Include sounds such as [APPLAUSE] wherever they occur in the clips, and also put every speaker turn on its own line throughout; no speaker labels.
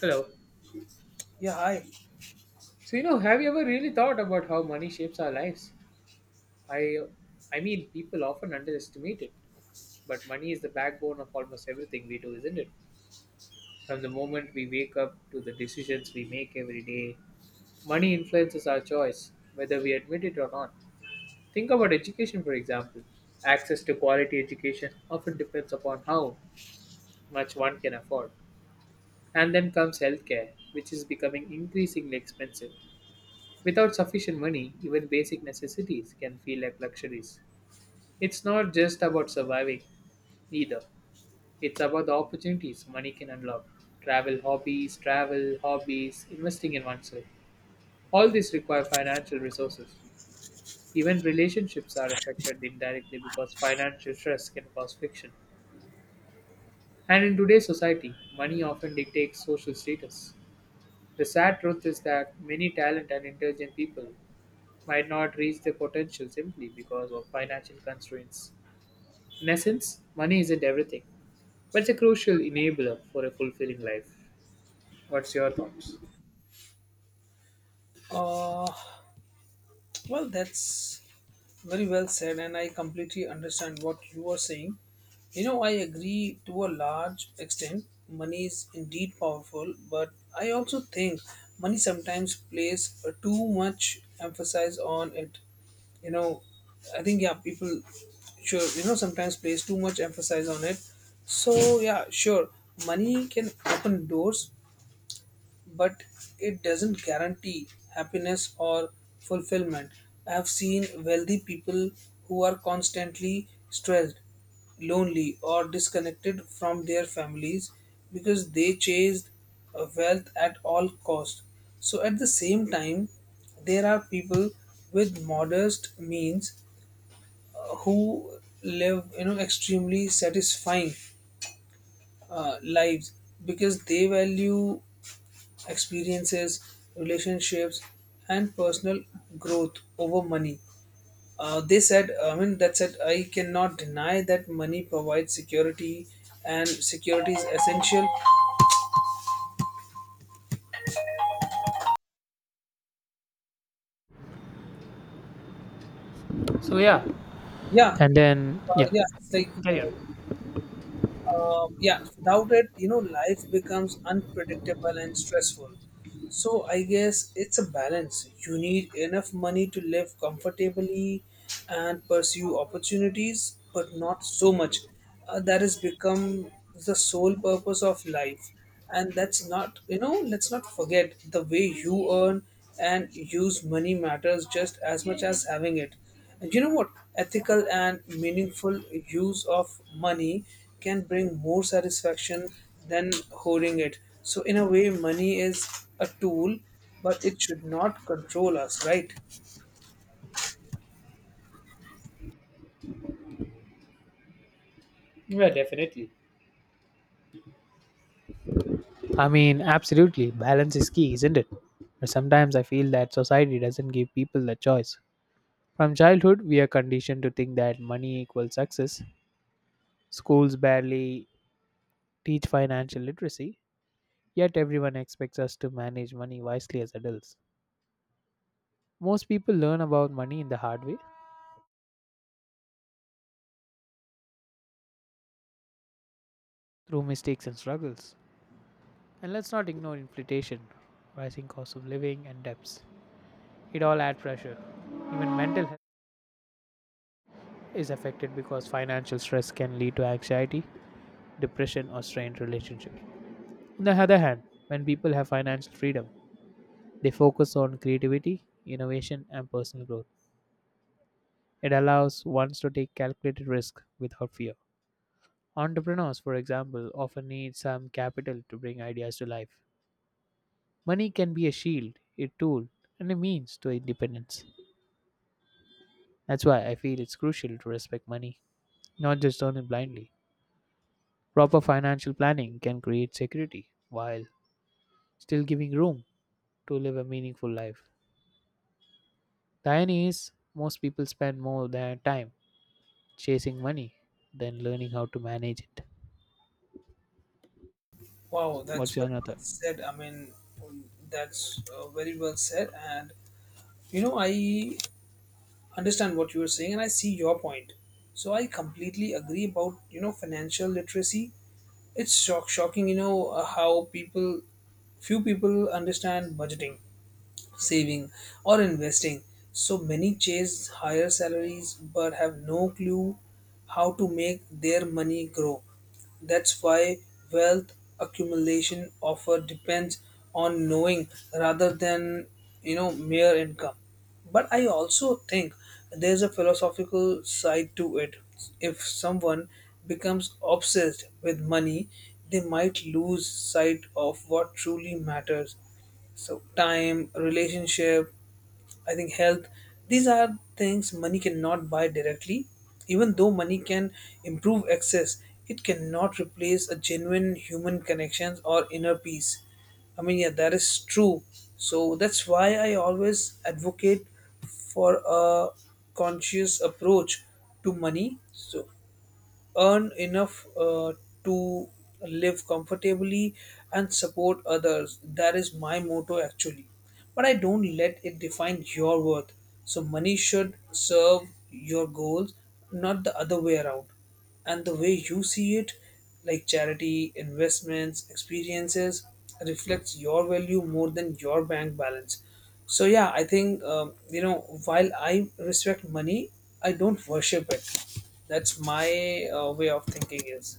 Hello.
Yeah, I
So, you know, have you ever really thought about how money shapes our lives? I I mean, people often underestimate it, but money is the backbone of almost everything we do, isn't it? From the moment we wake up to the decisions we make every day, money influences our choice, whether we admit it or not. Think about education, for example. Access to quality education often depends upon how much one can afford. And then comes healthcare, which is becoming increasingly expensive. Without sufficient money, even basic necessities can feel like luxuries. It's not just about surviving either, it's about the opportunities money can unlock. Travel hobbies, investing in oneself. All these require financial resources. Even relationships are affected indirectly because financial stress can cause friction. And in today's society, money often dictates social status. The sad truth is that many talented and intelligent people might not reach their potential simply because of financial constraints. In essence, money isn't everything, but it's a crucial enabler for a fulfilling life. What's your thoughts?
uh well that's very well said, and I completely understand what you are saying. I agree to a large extent. Money is indeed powerful, but I also think money sometimes plays a too much emphasis on it. You know, I think yeah, people sure, sometimes place too much emphasis on it. So yeah, sure, money can open doors, but it doesn't guarantee happiness or fulfillment. I have seen wealthy people who are constantly stressed, lonely, or disconnected from their families because they chased wealth at all cost. So at the same time, there are people with modest means who live extremely satisfying lives because they value experiences, relationships, and personal growth over money. I mean, that said, I cannot deny that money provides security, and security is essential.
So yeah,
Yeah,
and then yeah,
yeah, it's like
carry on.
yeah, without it, life becomes unpredictable and stressful. So I guess it's a balance. You need enough money to live comfortably and pursue opportunities, but not so much. That has become the sole purpose of life. And that's not, let's not forget the way you earn and use money matters just as much as having it you know what Ethical and meaningful use of money can bring more satisfaction than hoarding it. So in a way, money is a tool, but it should not control us, right?
Yeah, definitely. I mean, absolutely, balance is key, isn't it? But sometimes I feel that society doesn't give people the choice. From childhood, we are conditioned to think that money equals success. Schools barely teach financial literacy, yet everyone expects us to manage money wisely as adults. Most people learn about money in the hard way through mistakes and struggles. And let's not ignore inflation, rising cost of living, and debts. It all adds pressure. Even mental health is affected because financial stress can lead to anxiety, depression, or strained relationships. On the other hand, when people have financial freedom, they focus on creativity, innovation, and personal growth. It allows ones to take calculated risk without fear. Entrepreneurs, for example, often need some capital to bring ideas to life. Money can be a shield, a tool, and a means to independence. That's why I feel it's crucial to respect money, not just earn it blindly. Proper financial planning can create security while still giving room to live a meaningful life. The irony is, most people spend more their time chasing money than learning how to manage it.
Wow, that's
What's your
very
another?
well said. I mean, that's very well said. And I understand what you are saying, and I see your point. So I completely agree about financial literacy. It's shocking, how few people understand budgeting, saving, or investing. So many chase higher salaries but have no clue how to make their money grow. That's why wealth accumulation offer depends on knowing rather than mere income. But I also think there's a philosophical side to it. If someone becomes obsessed with money, they might lose sight of what truly matters. So time, relationship, I think health, these are things money cannot buy directly. Even though money can improve access, it cannot replace a genuine human connections or inner peace. I mean, yeah, that is true. So that's why I always advocate for a conscious approach to money. So earn enough to live comfortably and support others. That is my motto actually. But I don't let it define your worth. So money should serve your goals, not the other way around. And the way you see it, like charity, investments, experiences, reflects your value more than your bank balance. So yeah, I think while I respect money, I don't worship it. That's my way of thinking is.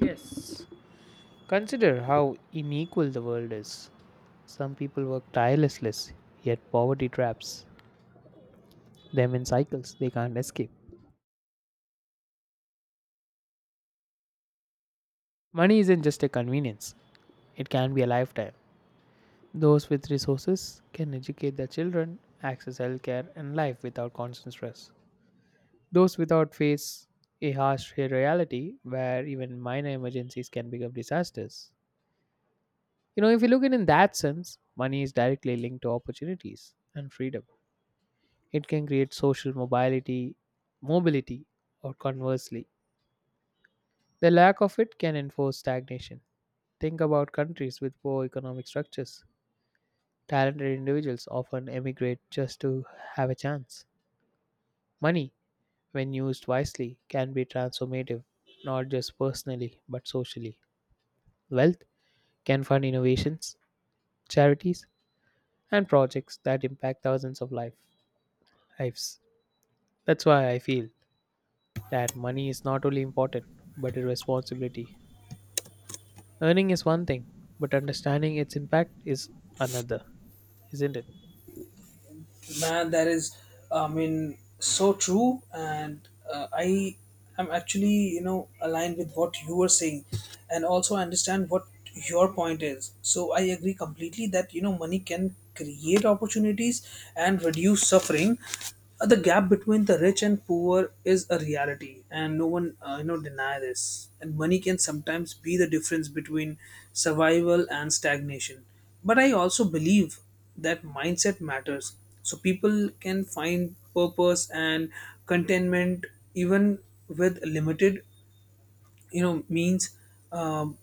Yes. Consider how unequal the world is. Some people work tirelessly, yet poverty traps them in cycles they can't escape. Money isn't just a convenience, it can be a lifetime. Those with resources can educate their children, access healthcare, and life without constant stress. Those without face a harsh reality where even minor emergencies can become disasters. You know, if you look at it in that sense, money is directly linked to opportunities and freedom. It can create social mobility, mobility, or conversely, the lack of it can enforce stagnation. Think about countries with poor economic structures. Talented individuals often emigrate just to have a chance. Money, when used wisely, can be transformative, not just personally, but socially. Wealth can fund innovations, charities, and projects that impact thousands of lives. That's why I feel that money is not only important, but a responsibility. Earning is one thing, but understanding its impact is another, isn't it?
Man, that is, I mean, so true. And I am actually aligned with what you were saying, and also understand what your point is. So I agree completely that money can create opportunities and reduce suffering. The gap between the rich and poor is a reality, and no one deny this. And money can sometimes be the difference between survival and stagnation, but I also believe that mindset matters. So people can find purpose and contentment even with limited means, um,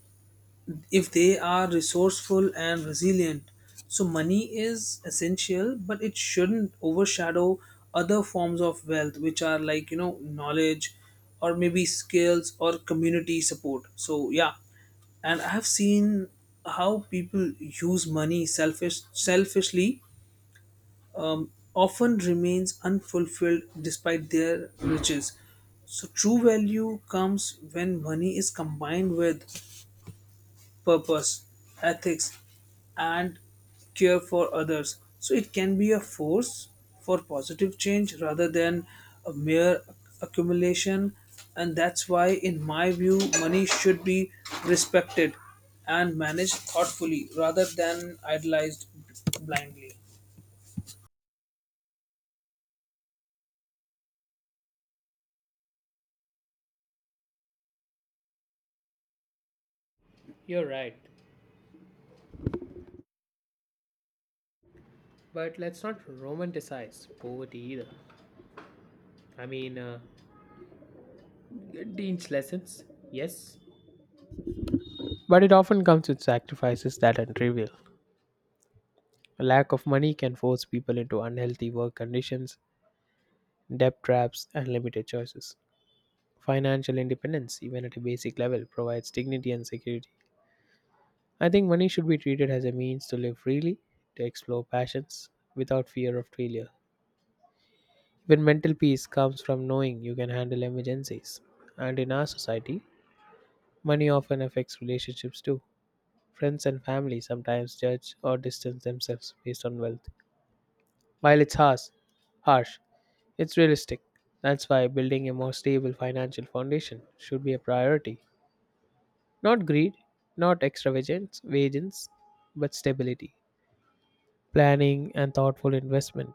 if they are resourceful and resilient. So money is essential, but it shouldn't overshadow other forms of wealth, which are like knowledge, or maybe skills or community support. So yeah, and I have seen how people use money selfishly, often remains unfulfilled despite their riches. So true value comes when money is combined with purpose, ethics, and care for others. So it can be a force for positive change rather than a mere accumulation. And that's why, in my view, money should be respected and managed thoughtfully rather than idolized blindly.
You're right. But let's not romanticize poverty either. I mean, Dean's lessons, yes. But it often comes with sacrifices that are trivial. A lack of money can force people into unhealthy work conditions, debt traps, and limited choices. Financial independence, even at a basic level, provides dignity and security. I think money should be treated as a means to live freely, to explore passions, without fear of failure. Even mental peace comes from knowing you can handle emergencies. And in our society, money often affects relationships too. Friends and family sometimes judge or distance themselves based on wealth. While it's harsh, it's realistic. That's why building a more stable financial foundation should be a priority. Not greed, not extravagance, but stability. Planning and thoughtful investment.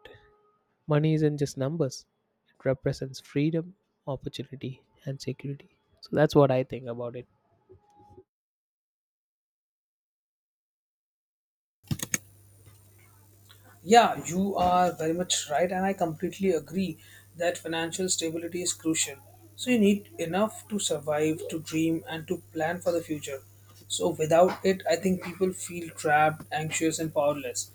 Money isn't just numbers, it represents freedom, opportunity, and security. So that's what I think about it.
Yeah, you are very much right, and I completely agree that financial stability is crucial. So you need enough to survive, to dream, and to plan for the future. So without it, I think people feel trapped, anxious, and powerless.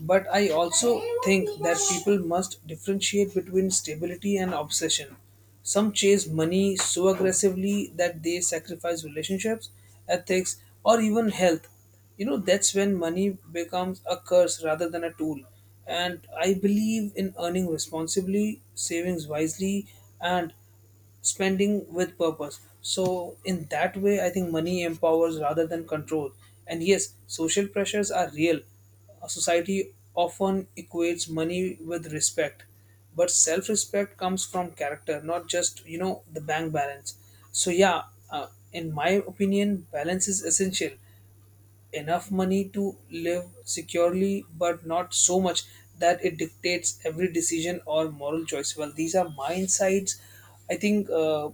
But I also think that people must differentiate between stability and obsession. Some chase money so aggressively that they sacrifice relationships, ethics, or even health. That's when money becomes a curse rather than a tool. And I believe in earning responsibly, savings wisely, and spending with purpose. So in that way, I think money empowers rather than control. And yes, social pressures are real. A society often equates money with respect, but self respect comes from character, not just the bank balance. So yeah, in my opinion, balance is essential. Enough money to live securely, but not so much that it dictates every decision or moral choice. Well, these are my insights. I think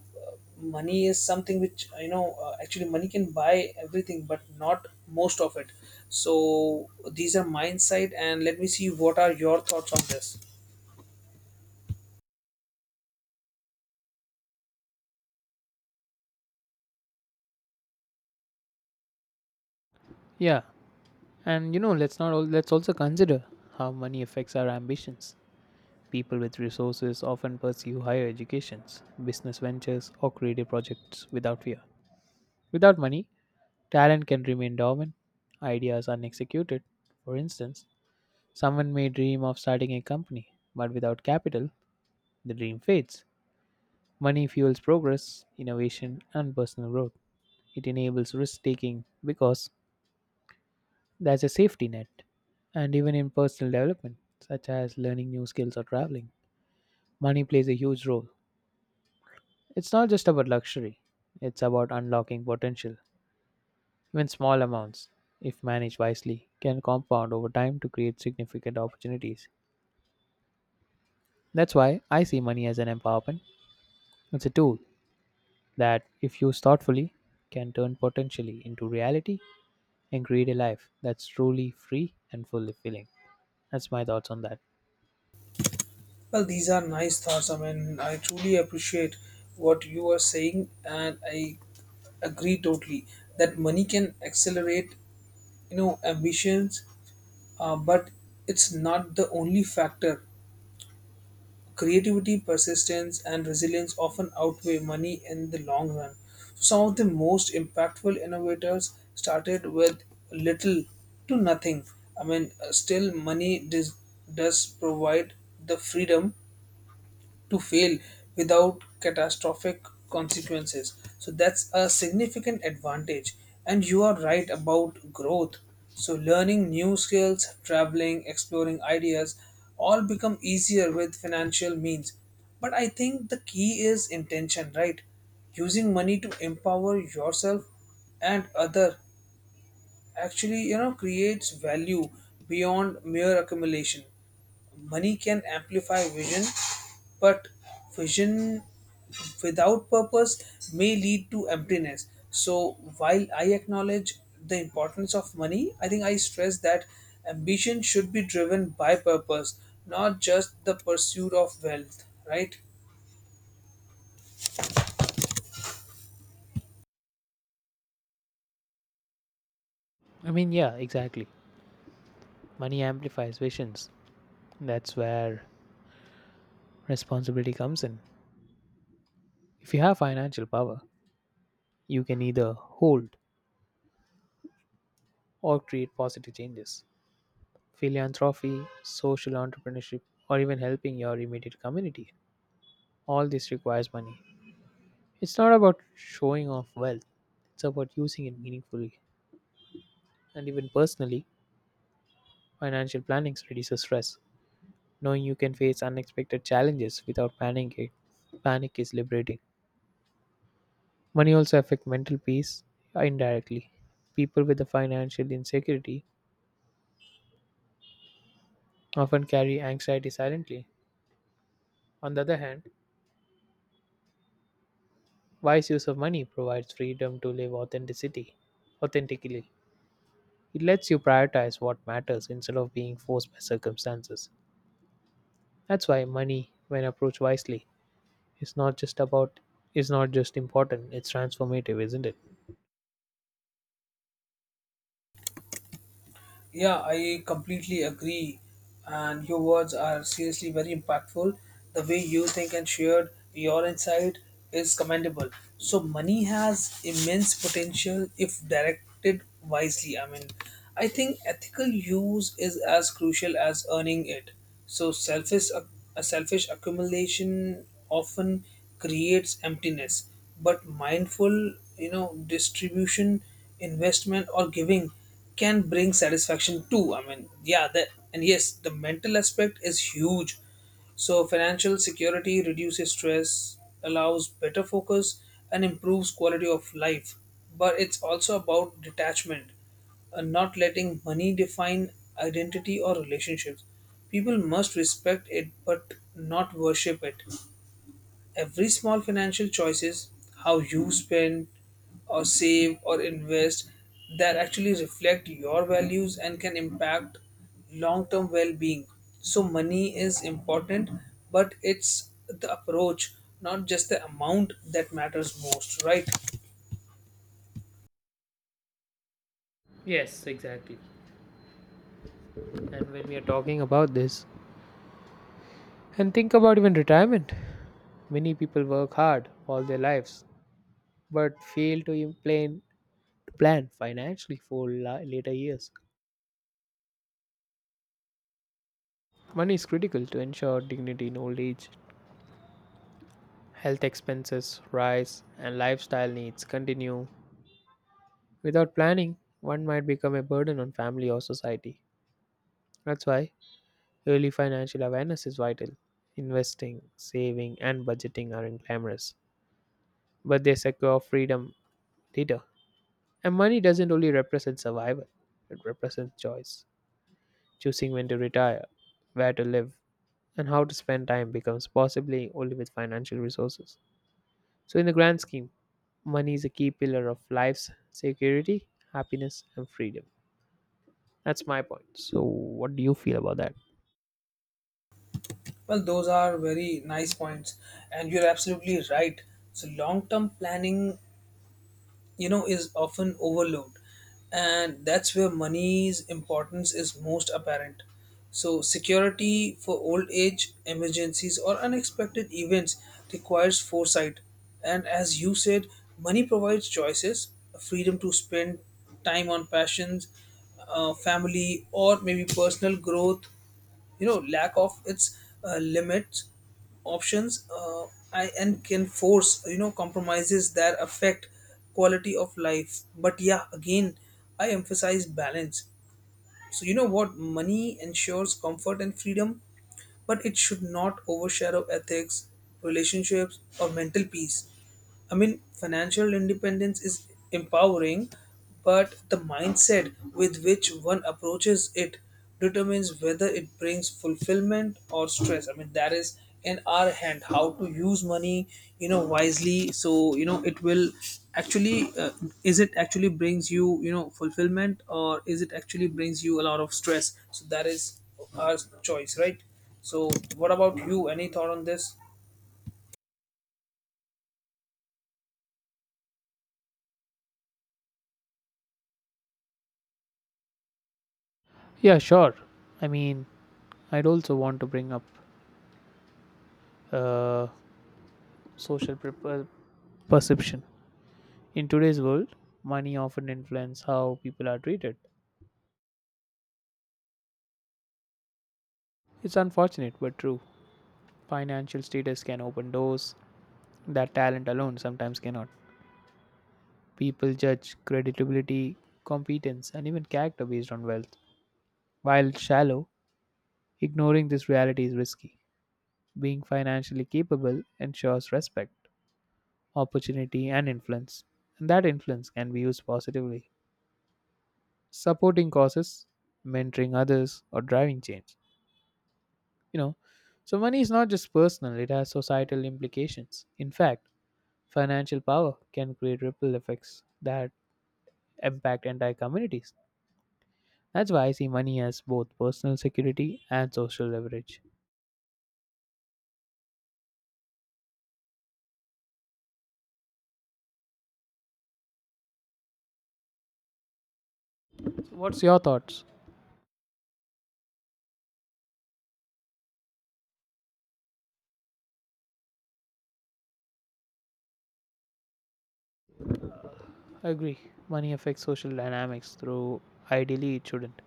money is something which actually money can buy everything, but not most of it. So these are my insight, and let me see what are your thoughts on this.
Yeah, and you know, let's not al- let's also consider how money affects our ambitions. People with resources often pursue higher educations, business ventures, or creative projects without fear. Without money, talent can remain dormant, ideas unexecuted. For instance, someone may dream of starting a company, but without capital, the dream fades. Money fuels progress, innovation, and personal growth. It enables risk taking because there's a safety net. And even in personal development, such as learning new skills or traveling, money plays a huge role. It's not just about luxury, it's about unlocking potential. Even small amounts, if managed wisely, can compound over time to create significant opportunities. That's why I see money as an empowerment. It's a tool that, if used thoughtfully, can turn potentially into reality and create a life that's truly free and fulfilling. That's my thoughts on that.
Well, these are nice thoughts. I mean, I truly appreciate what you are saying, and I agree totally that money can accelerate ambitions, but it's not the only factor. Creativity, persistence, and resilience often outweigh money in the long run. So some of the most impactful innovators started with little to nothing. I mean, still money does provide the freedom to fail without catastrophic consequences. So that's a significant advantage. And you are right about growth. So learning new skills, traveling, exploring ideas all become easier with financial means. But I think the key is intention, right? Using money to empower yourself and other actually creates value beyond mere accumulation. Money can amplify vision, but vision without purpose may lead to emptiness. So while I acknowledge the importance of money, I think I stress that ambition should be driven by purpose, not just the pursuit of wealth, right?
I mean, yeah, exactly. Money amplifies visions. That's where responsibility comes in. If you have financial power, you can either hold or create positive changes. Philanthropy, social entrepreneurship, or even helping your immediate community. All this requires money. It's not about showing off wealth, it's about using it meaningfully. And even personally, financial planning reduces stress. Knowing you can face unexpected challenges without panic is liberating. Money also affects mental peace indirectly. People with the financial insecurity often carry anxiety silently. On the other hand, wise use of money provides freedom to live authentically. It lets you prioritize what matters instead of being forced by circumstances. That's why money, when approached wisely, is not just about is not just important, it's transformative, isn't it?
Yeah, I completely agree. And your words are seriously very impactful. The way you think and shared your insight is commendable. So money has immense potential if directed wisely. I mean, I think ethical use is as crucial as earning it. So, selfish a selfish accumulation often creates emptiness, but mindful, distribution, investment, or giving can bring satisfaction too. I mean, yeah, that and yes, the mental aspect is huge. So financial security reduces stress, allows better focus, and improves quality of life. But it's also about detachment, not letting money define identity or relationships. People must respect it but not worship it. Every small financial choices, how you spend or save or invest, that actually reflect your values and can impact long-term well-being. So money is important, but it's the approach, not just the amount that matters most, right?
Yes, exactly. And when we are talking about this, and think about even retirement. Many people work hard all their lives but fail to plan financially for later years. Money is critical to ensure dignity in old age. Health expenses rise and lifestyle needs continue. Without planning, one might become a burden on family or society. That's why early financial awareness is vital. Investing, saving, and budgeting are glamorous, but they secure freedom later. And money doesn't only represent survival, it represents choice. Choosing when to retire, where to live, and how to spend time becomes possibly only with financial resources. So, in the grand scheme, money is a key pillar of life's security, happiness, and freedom. That's my point. So, what do you feel about that?
Well, those are very nice points, and you're absolutely right. So long-term planning is often overlooked, and that's where money's importance is most apparent. So security for old age, emergencies, or unexpected events requires foresight. And as you said, money provides choices, freedom to spend time on passions, family, or maybe personal growth. Lack of its limits options and can force compromises that affect quality of life. But yeah, again, I emphasize balance. So you know what money ensures comfort and freedom, but it should not overshadow ethics, relationships, or mental peace. I mean, financial independence is empowering, but the mindset with which one approaches it determines whether it brings fulfillment or stress. I mean, that is in our hand how to use money wisely. So it will actually is it actually brings you you know fulfillment, or is it actually brings you a lot of stress. So that is our choice, right? So what about you, any thought on this?
Yeah, sure. I mean, I'd also want to bring up uh, social perception. In today's world, money often influences how people are treated. It's unfortunate but true. Financial status can open doors that talent alone sometimes cannot. People judge credibility, competence, and even character based on wealth. While shallow, ignoring this reality is risky. Being financially capable ensures respect, opportunity, and influence, and that influence can be used positively. Supporting causes, mentoring others, or driving change. You know, so money is not just personal, it has societal implications. In fact, financial power can create ripple effects that impact entire communities. That's why I see money as both personal security and social leverage. So what's your thoughts? Agree. Money affects social dynamics, though ideally it shouldn't.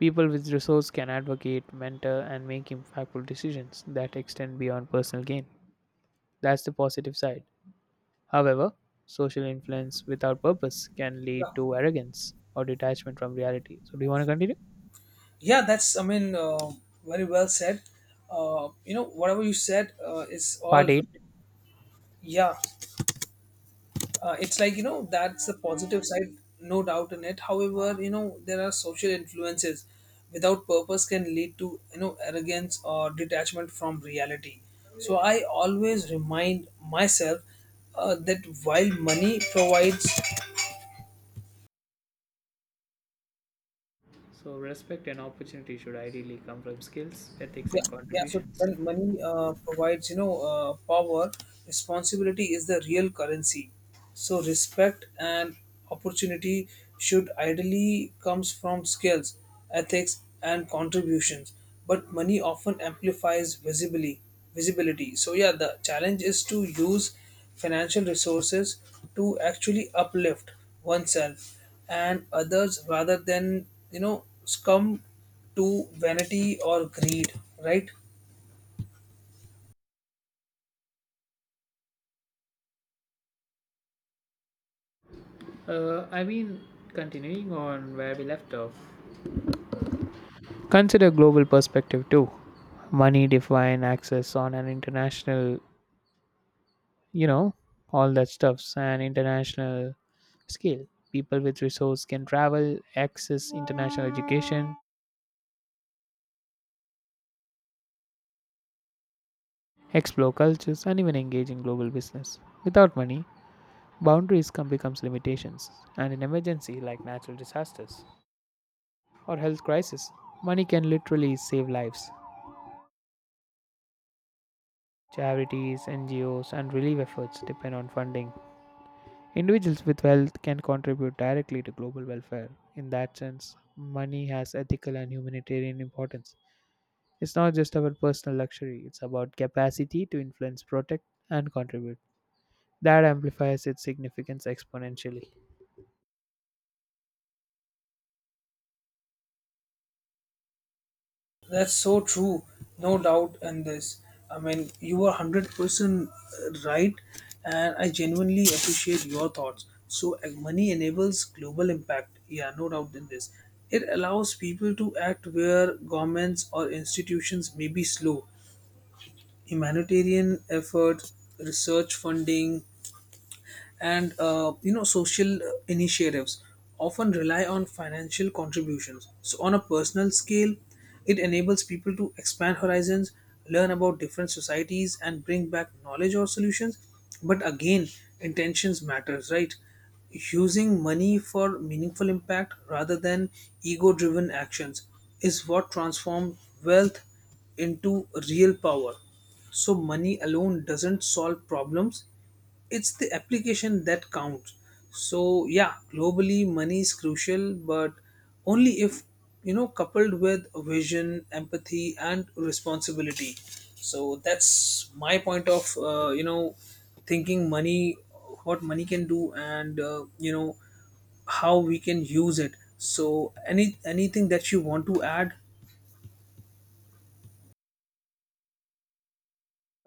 People with resources can advocate, mentor, and make impactful decisions that extend beyond personal gain. That's the positive side. However, social influence without purpose can lead to
yeah
arrogance or detachment from reality. So, do you want to continue?
yeah that's I mean, very well said. You know, whatever you said is all
Part
right.
8.
Yeah, it's like that's the positive side, no doubt in it. However, there are social influences without purpose can lead to arrogance or detachment from reality. So I always remind myself that while money provides.
So, respect and opportunity should ideally come from skills, ethics,
Yeah,
and
yeah. So
contributions.
when money provides, power, responsibility is the real currency. So respect and opportunity should ideally comes from skills, ethics, and contributions. But money often amplifies visibly visibility. So yeah, the challenge is to use financial resources to actually uplift oneself and others rather than succumb to vanity or greed, right?
I mean, continuing on where we left off, consider global perspective too. Money define access on an international, you know, all that stuffs an international scale. People with resource can travel, access international education, explore cultures, and even engage in global business. Without money, boundaries come becomes limitations, and in emergency like natural disasters or health crisis, money can literally save lives. Charities, NGOs, and relief efforts depend on funding. Individuals with wealth can contribute directly to global welfare. In that sense, money has ethical and humanitarian importance. It's not just about personal luxury, it's about capacity to influence, protect, and contribute. That amplifies its significance exponentially.
That's so true, no doubt in this. I mean, you are 100% right, and I genuinely appreciate your thoughts. So, money enables global impact. Yeah, no doubt in this. It allows people to act where governments or institutions may be slow. Humanitarian effort, research funding, and social initiatives often rely on financial contributions. So on a personal scale, it enables people to expand horizons, learn about different societies, and bring back knowledge or solutions. But again, intentions matters, right? Using money for meaningful impact rather than ego driven actions is what transforms wealth into real power. So money alone doesn't solve problems, it's the application that counts. So yeah, globally money is crucial, but only if coupled with vision, empathy, and responsibility. So that's my point of thinking money, what money can do, and how we can use it. So anything that you want to add.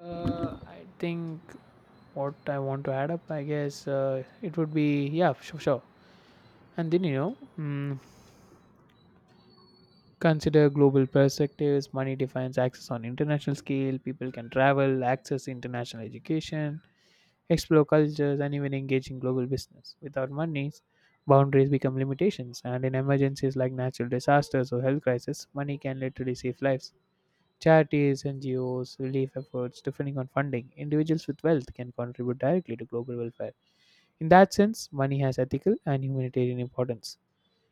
I think what I want to add up, I guess, it would be yeah, sure, sure. And then you know, consider global perspectives. Money defines access on international scale. People can travel, access international education, explore cultures, and even engage in global business. Without money, boundaries become limitations, and in emergencies like natural disasters or health crises, money can literally save lives. Charities, NGOs, relief efforts, depending on funding, individuals with wealth can contribute directly to global welfare. In that sense, money has ethical and humanitarian importance.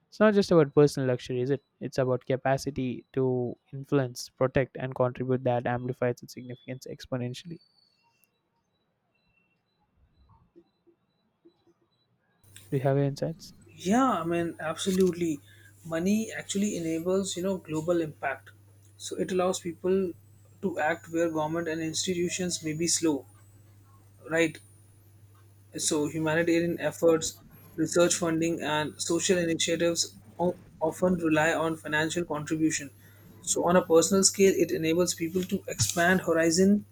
It's not just about personal luxury, is it? It's about capacity to influence, protect, and contribute that amplifies its significance exponentially. Do you have any insights?
Yeah, I mean, absolutely. Money actually enables, global impact. So it allows people to act where government and institutions may be slow, right? So humanitarian efforts, research funding, and social initiatives often rely on financial contribution. So on a personal scale, it enables people to expand horizon,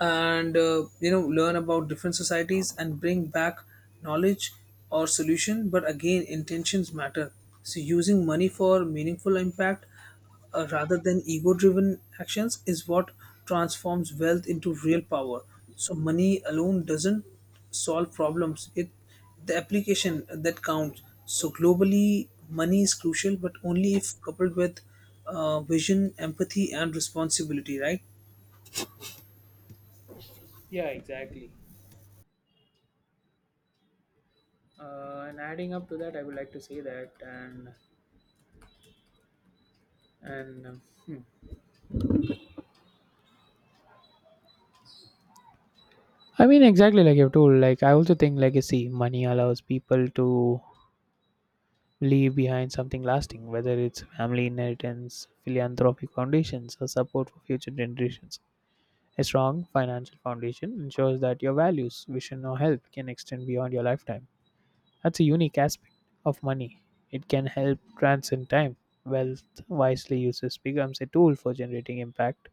and learn about different societies and bring back knowledge or solution. But again, intentions matter. So using money for meaningful impact rather than ego driven actions is what transforms wealth into real power. So money alone doesn't solve problems, it the application that counts. So globally money is crucial, but only if coupled with vision, empathy, and responsibility, right?
Yeah, exactly. And adding up to that, I would like to say that and um, hmm, I mean, exactly like you've told. Like, I also think legacy money allows people to leave behind something lasting, whether it's family inheritance, philanthropic foundations, or support for future generations. A strong financial foundation ensures that your values, vision, or help can extend beyond your lifetime. That's a unique aspect of money. It can help transcend time. Wealth wisely uses becomes a tool for generating impact.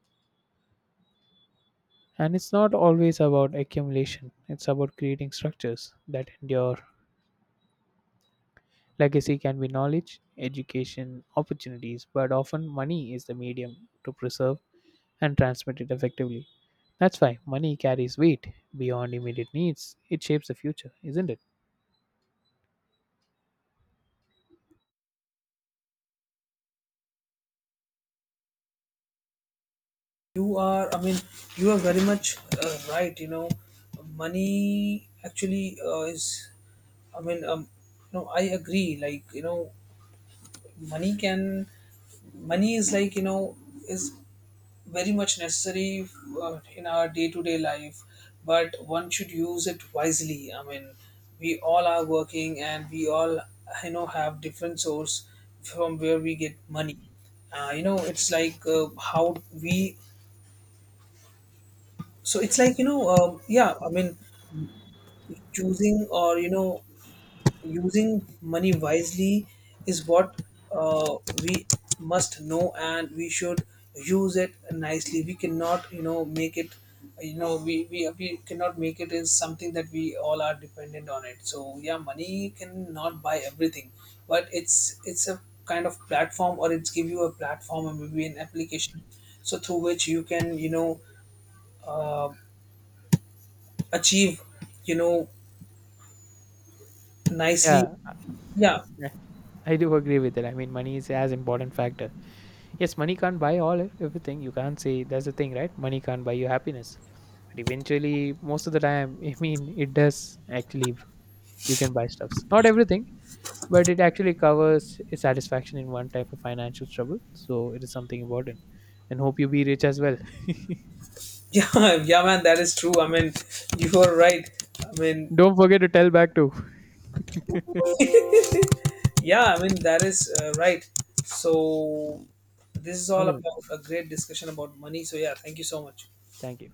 And it's not always about accumulation, it's about creating structures that endure. Legacy can be knowledge, education, opportunities, but often money is the medium to preserve and transmit it effectively. That's why money carries weight beyond immediate needs. It shapes the future, isn't it?
You are, I mean, you are very much right. You know, money actually is, I mean, no, I agree. Like, money can, money is like, is very much necessary in our day to day life, but one should use it wisely. I mean, we all are working, and we all, have different source from where we get money. It's like how we so it's like yeah, I mean, choosing or using money wisely is what uh, we must know, and we should use it nicely. We cannot make it. We cannot make it is something that we all are dependent on it. So yeah, money cannot buy everything, but it's a kind of platform, or it's give you a platform or maybe an application, so through which you can uh, achieve you know nicely.
Yeah,
Yeah.
yeah, I do agree with that. I mean, money is as important factor. Yes, money can't buy all everything. You can't say that's the thing, right? Money can't buy you happiness, but eventually, most of the time, [LAUGHS] I mean, it does actually, you can buy stuffs not everything, but it actually covers satisfaction in one type of financial trouble, so it is something important, and hope you be rich as well. [LAUGHS]
[LAUGHS] Yeah, yeah, man, that is true. I mean, you are right. I mean,
Don't forget to tell back too.
yeah, I mean, that is right. So this is all
Okay then,
about a great discussion about money. So yeah, thank you so much.
thank you.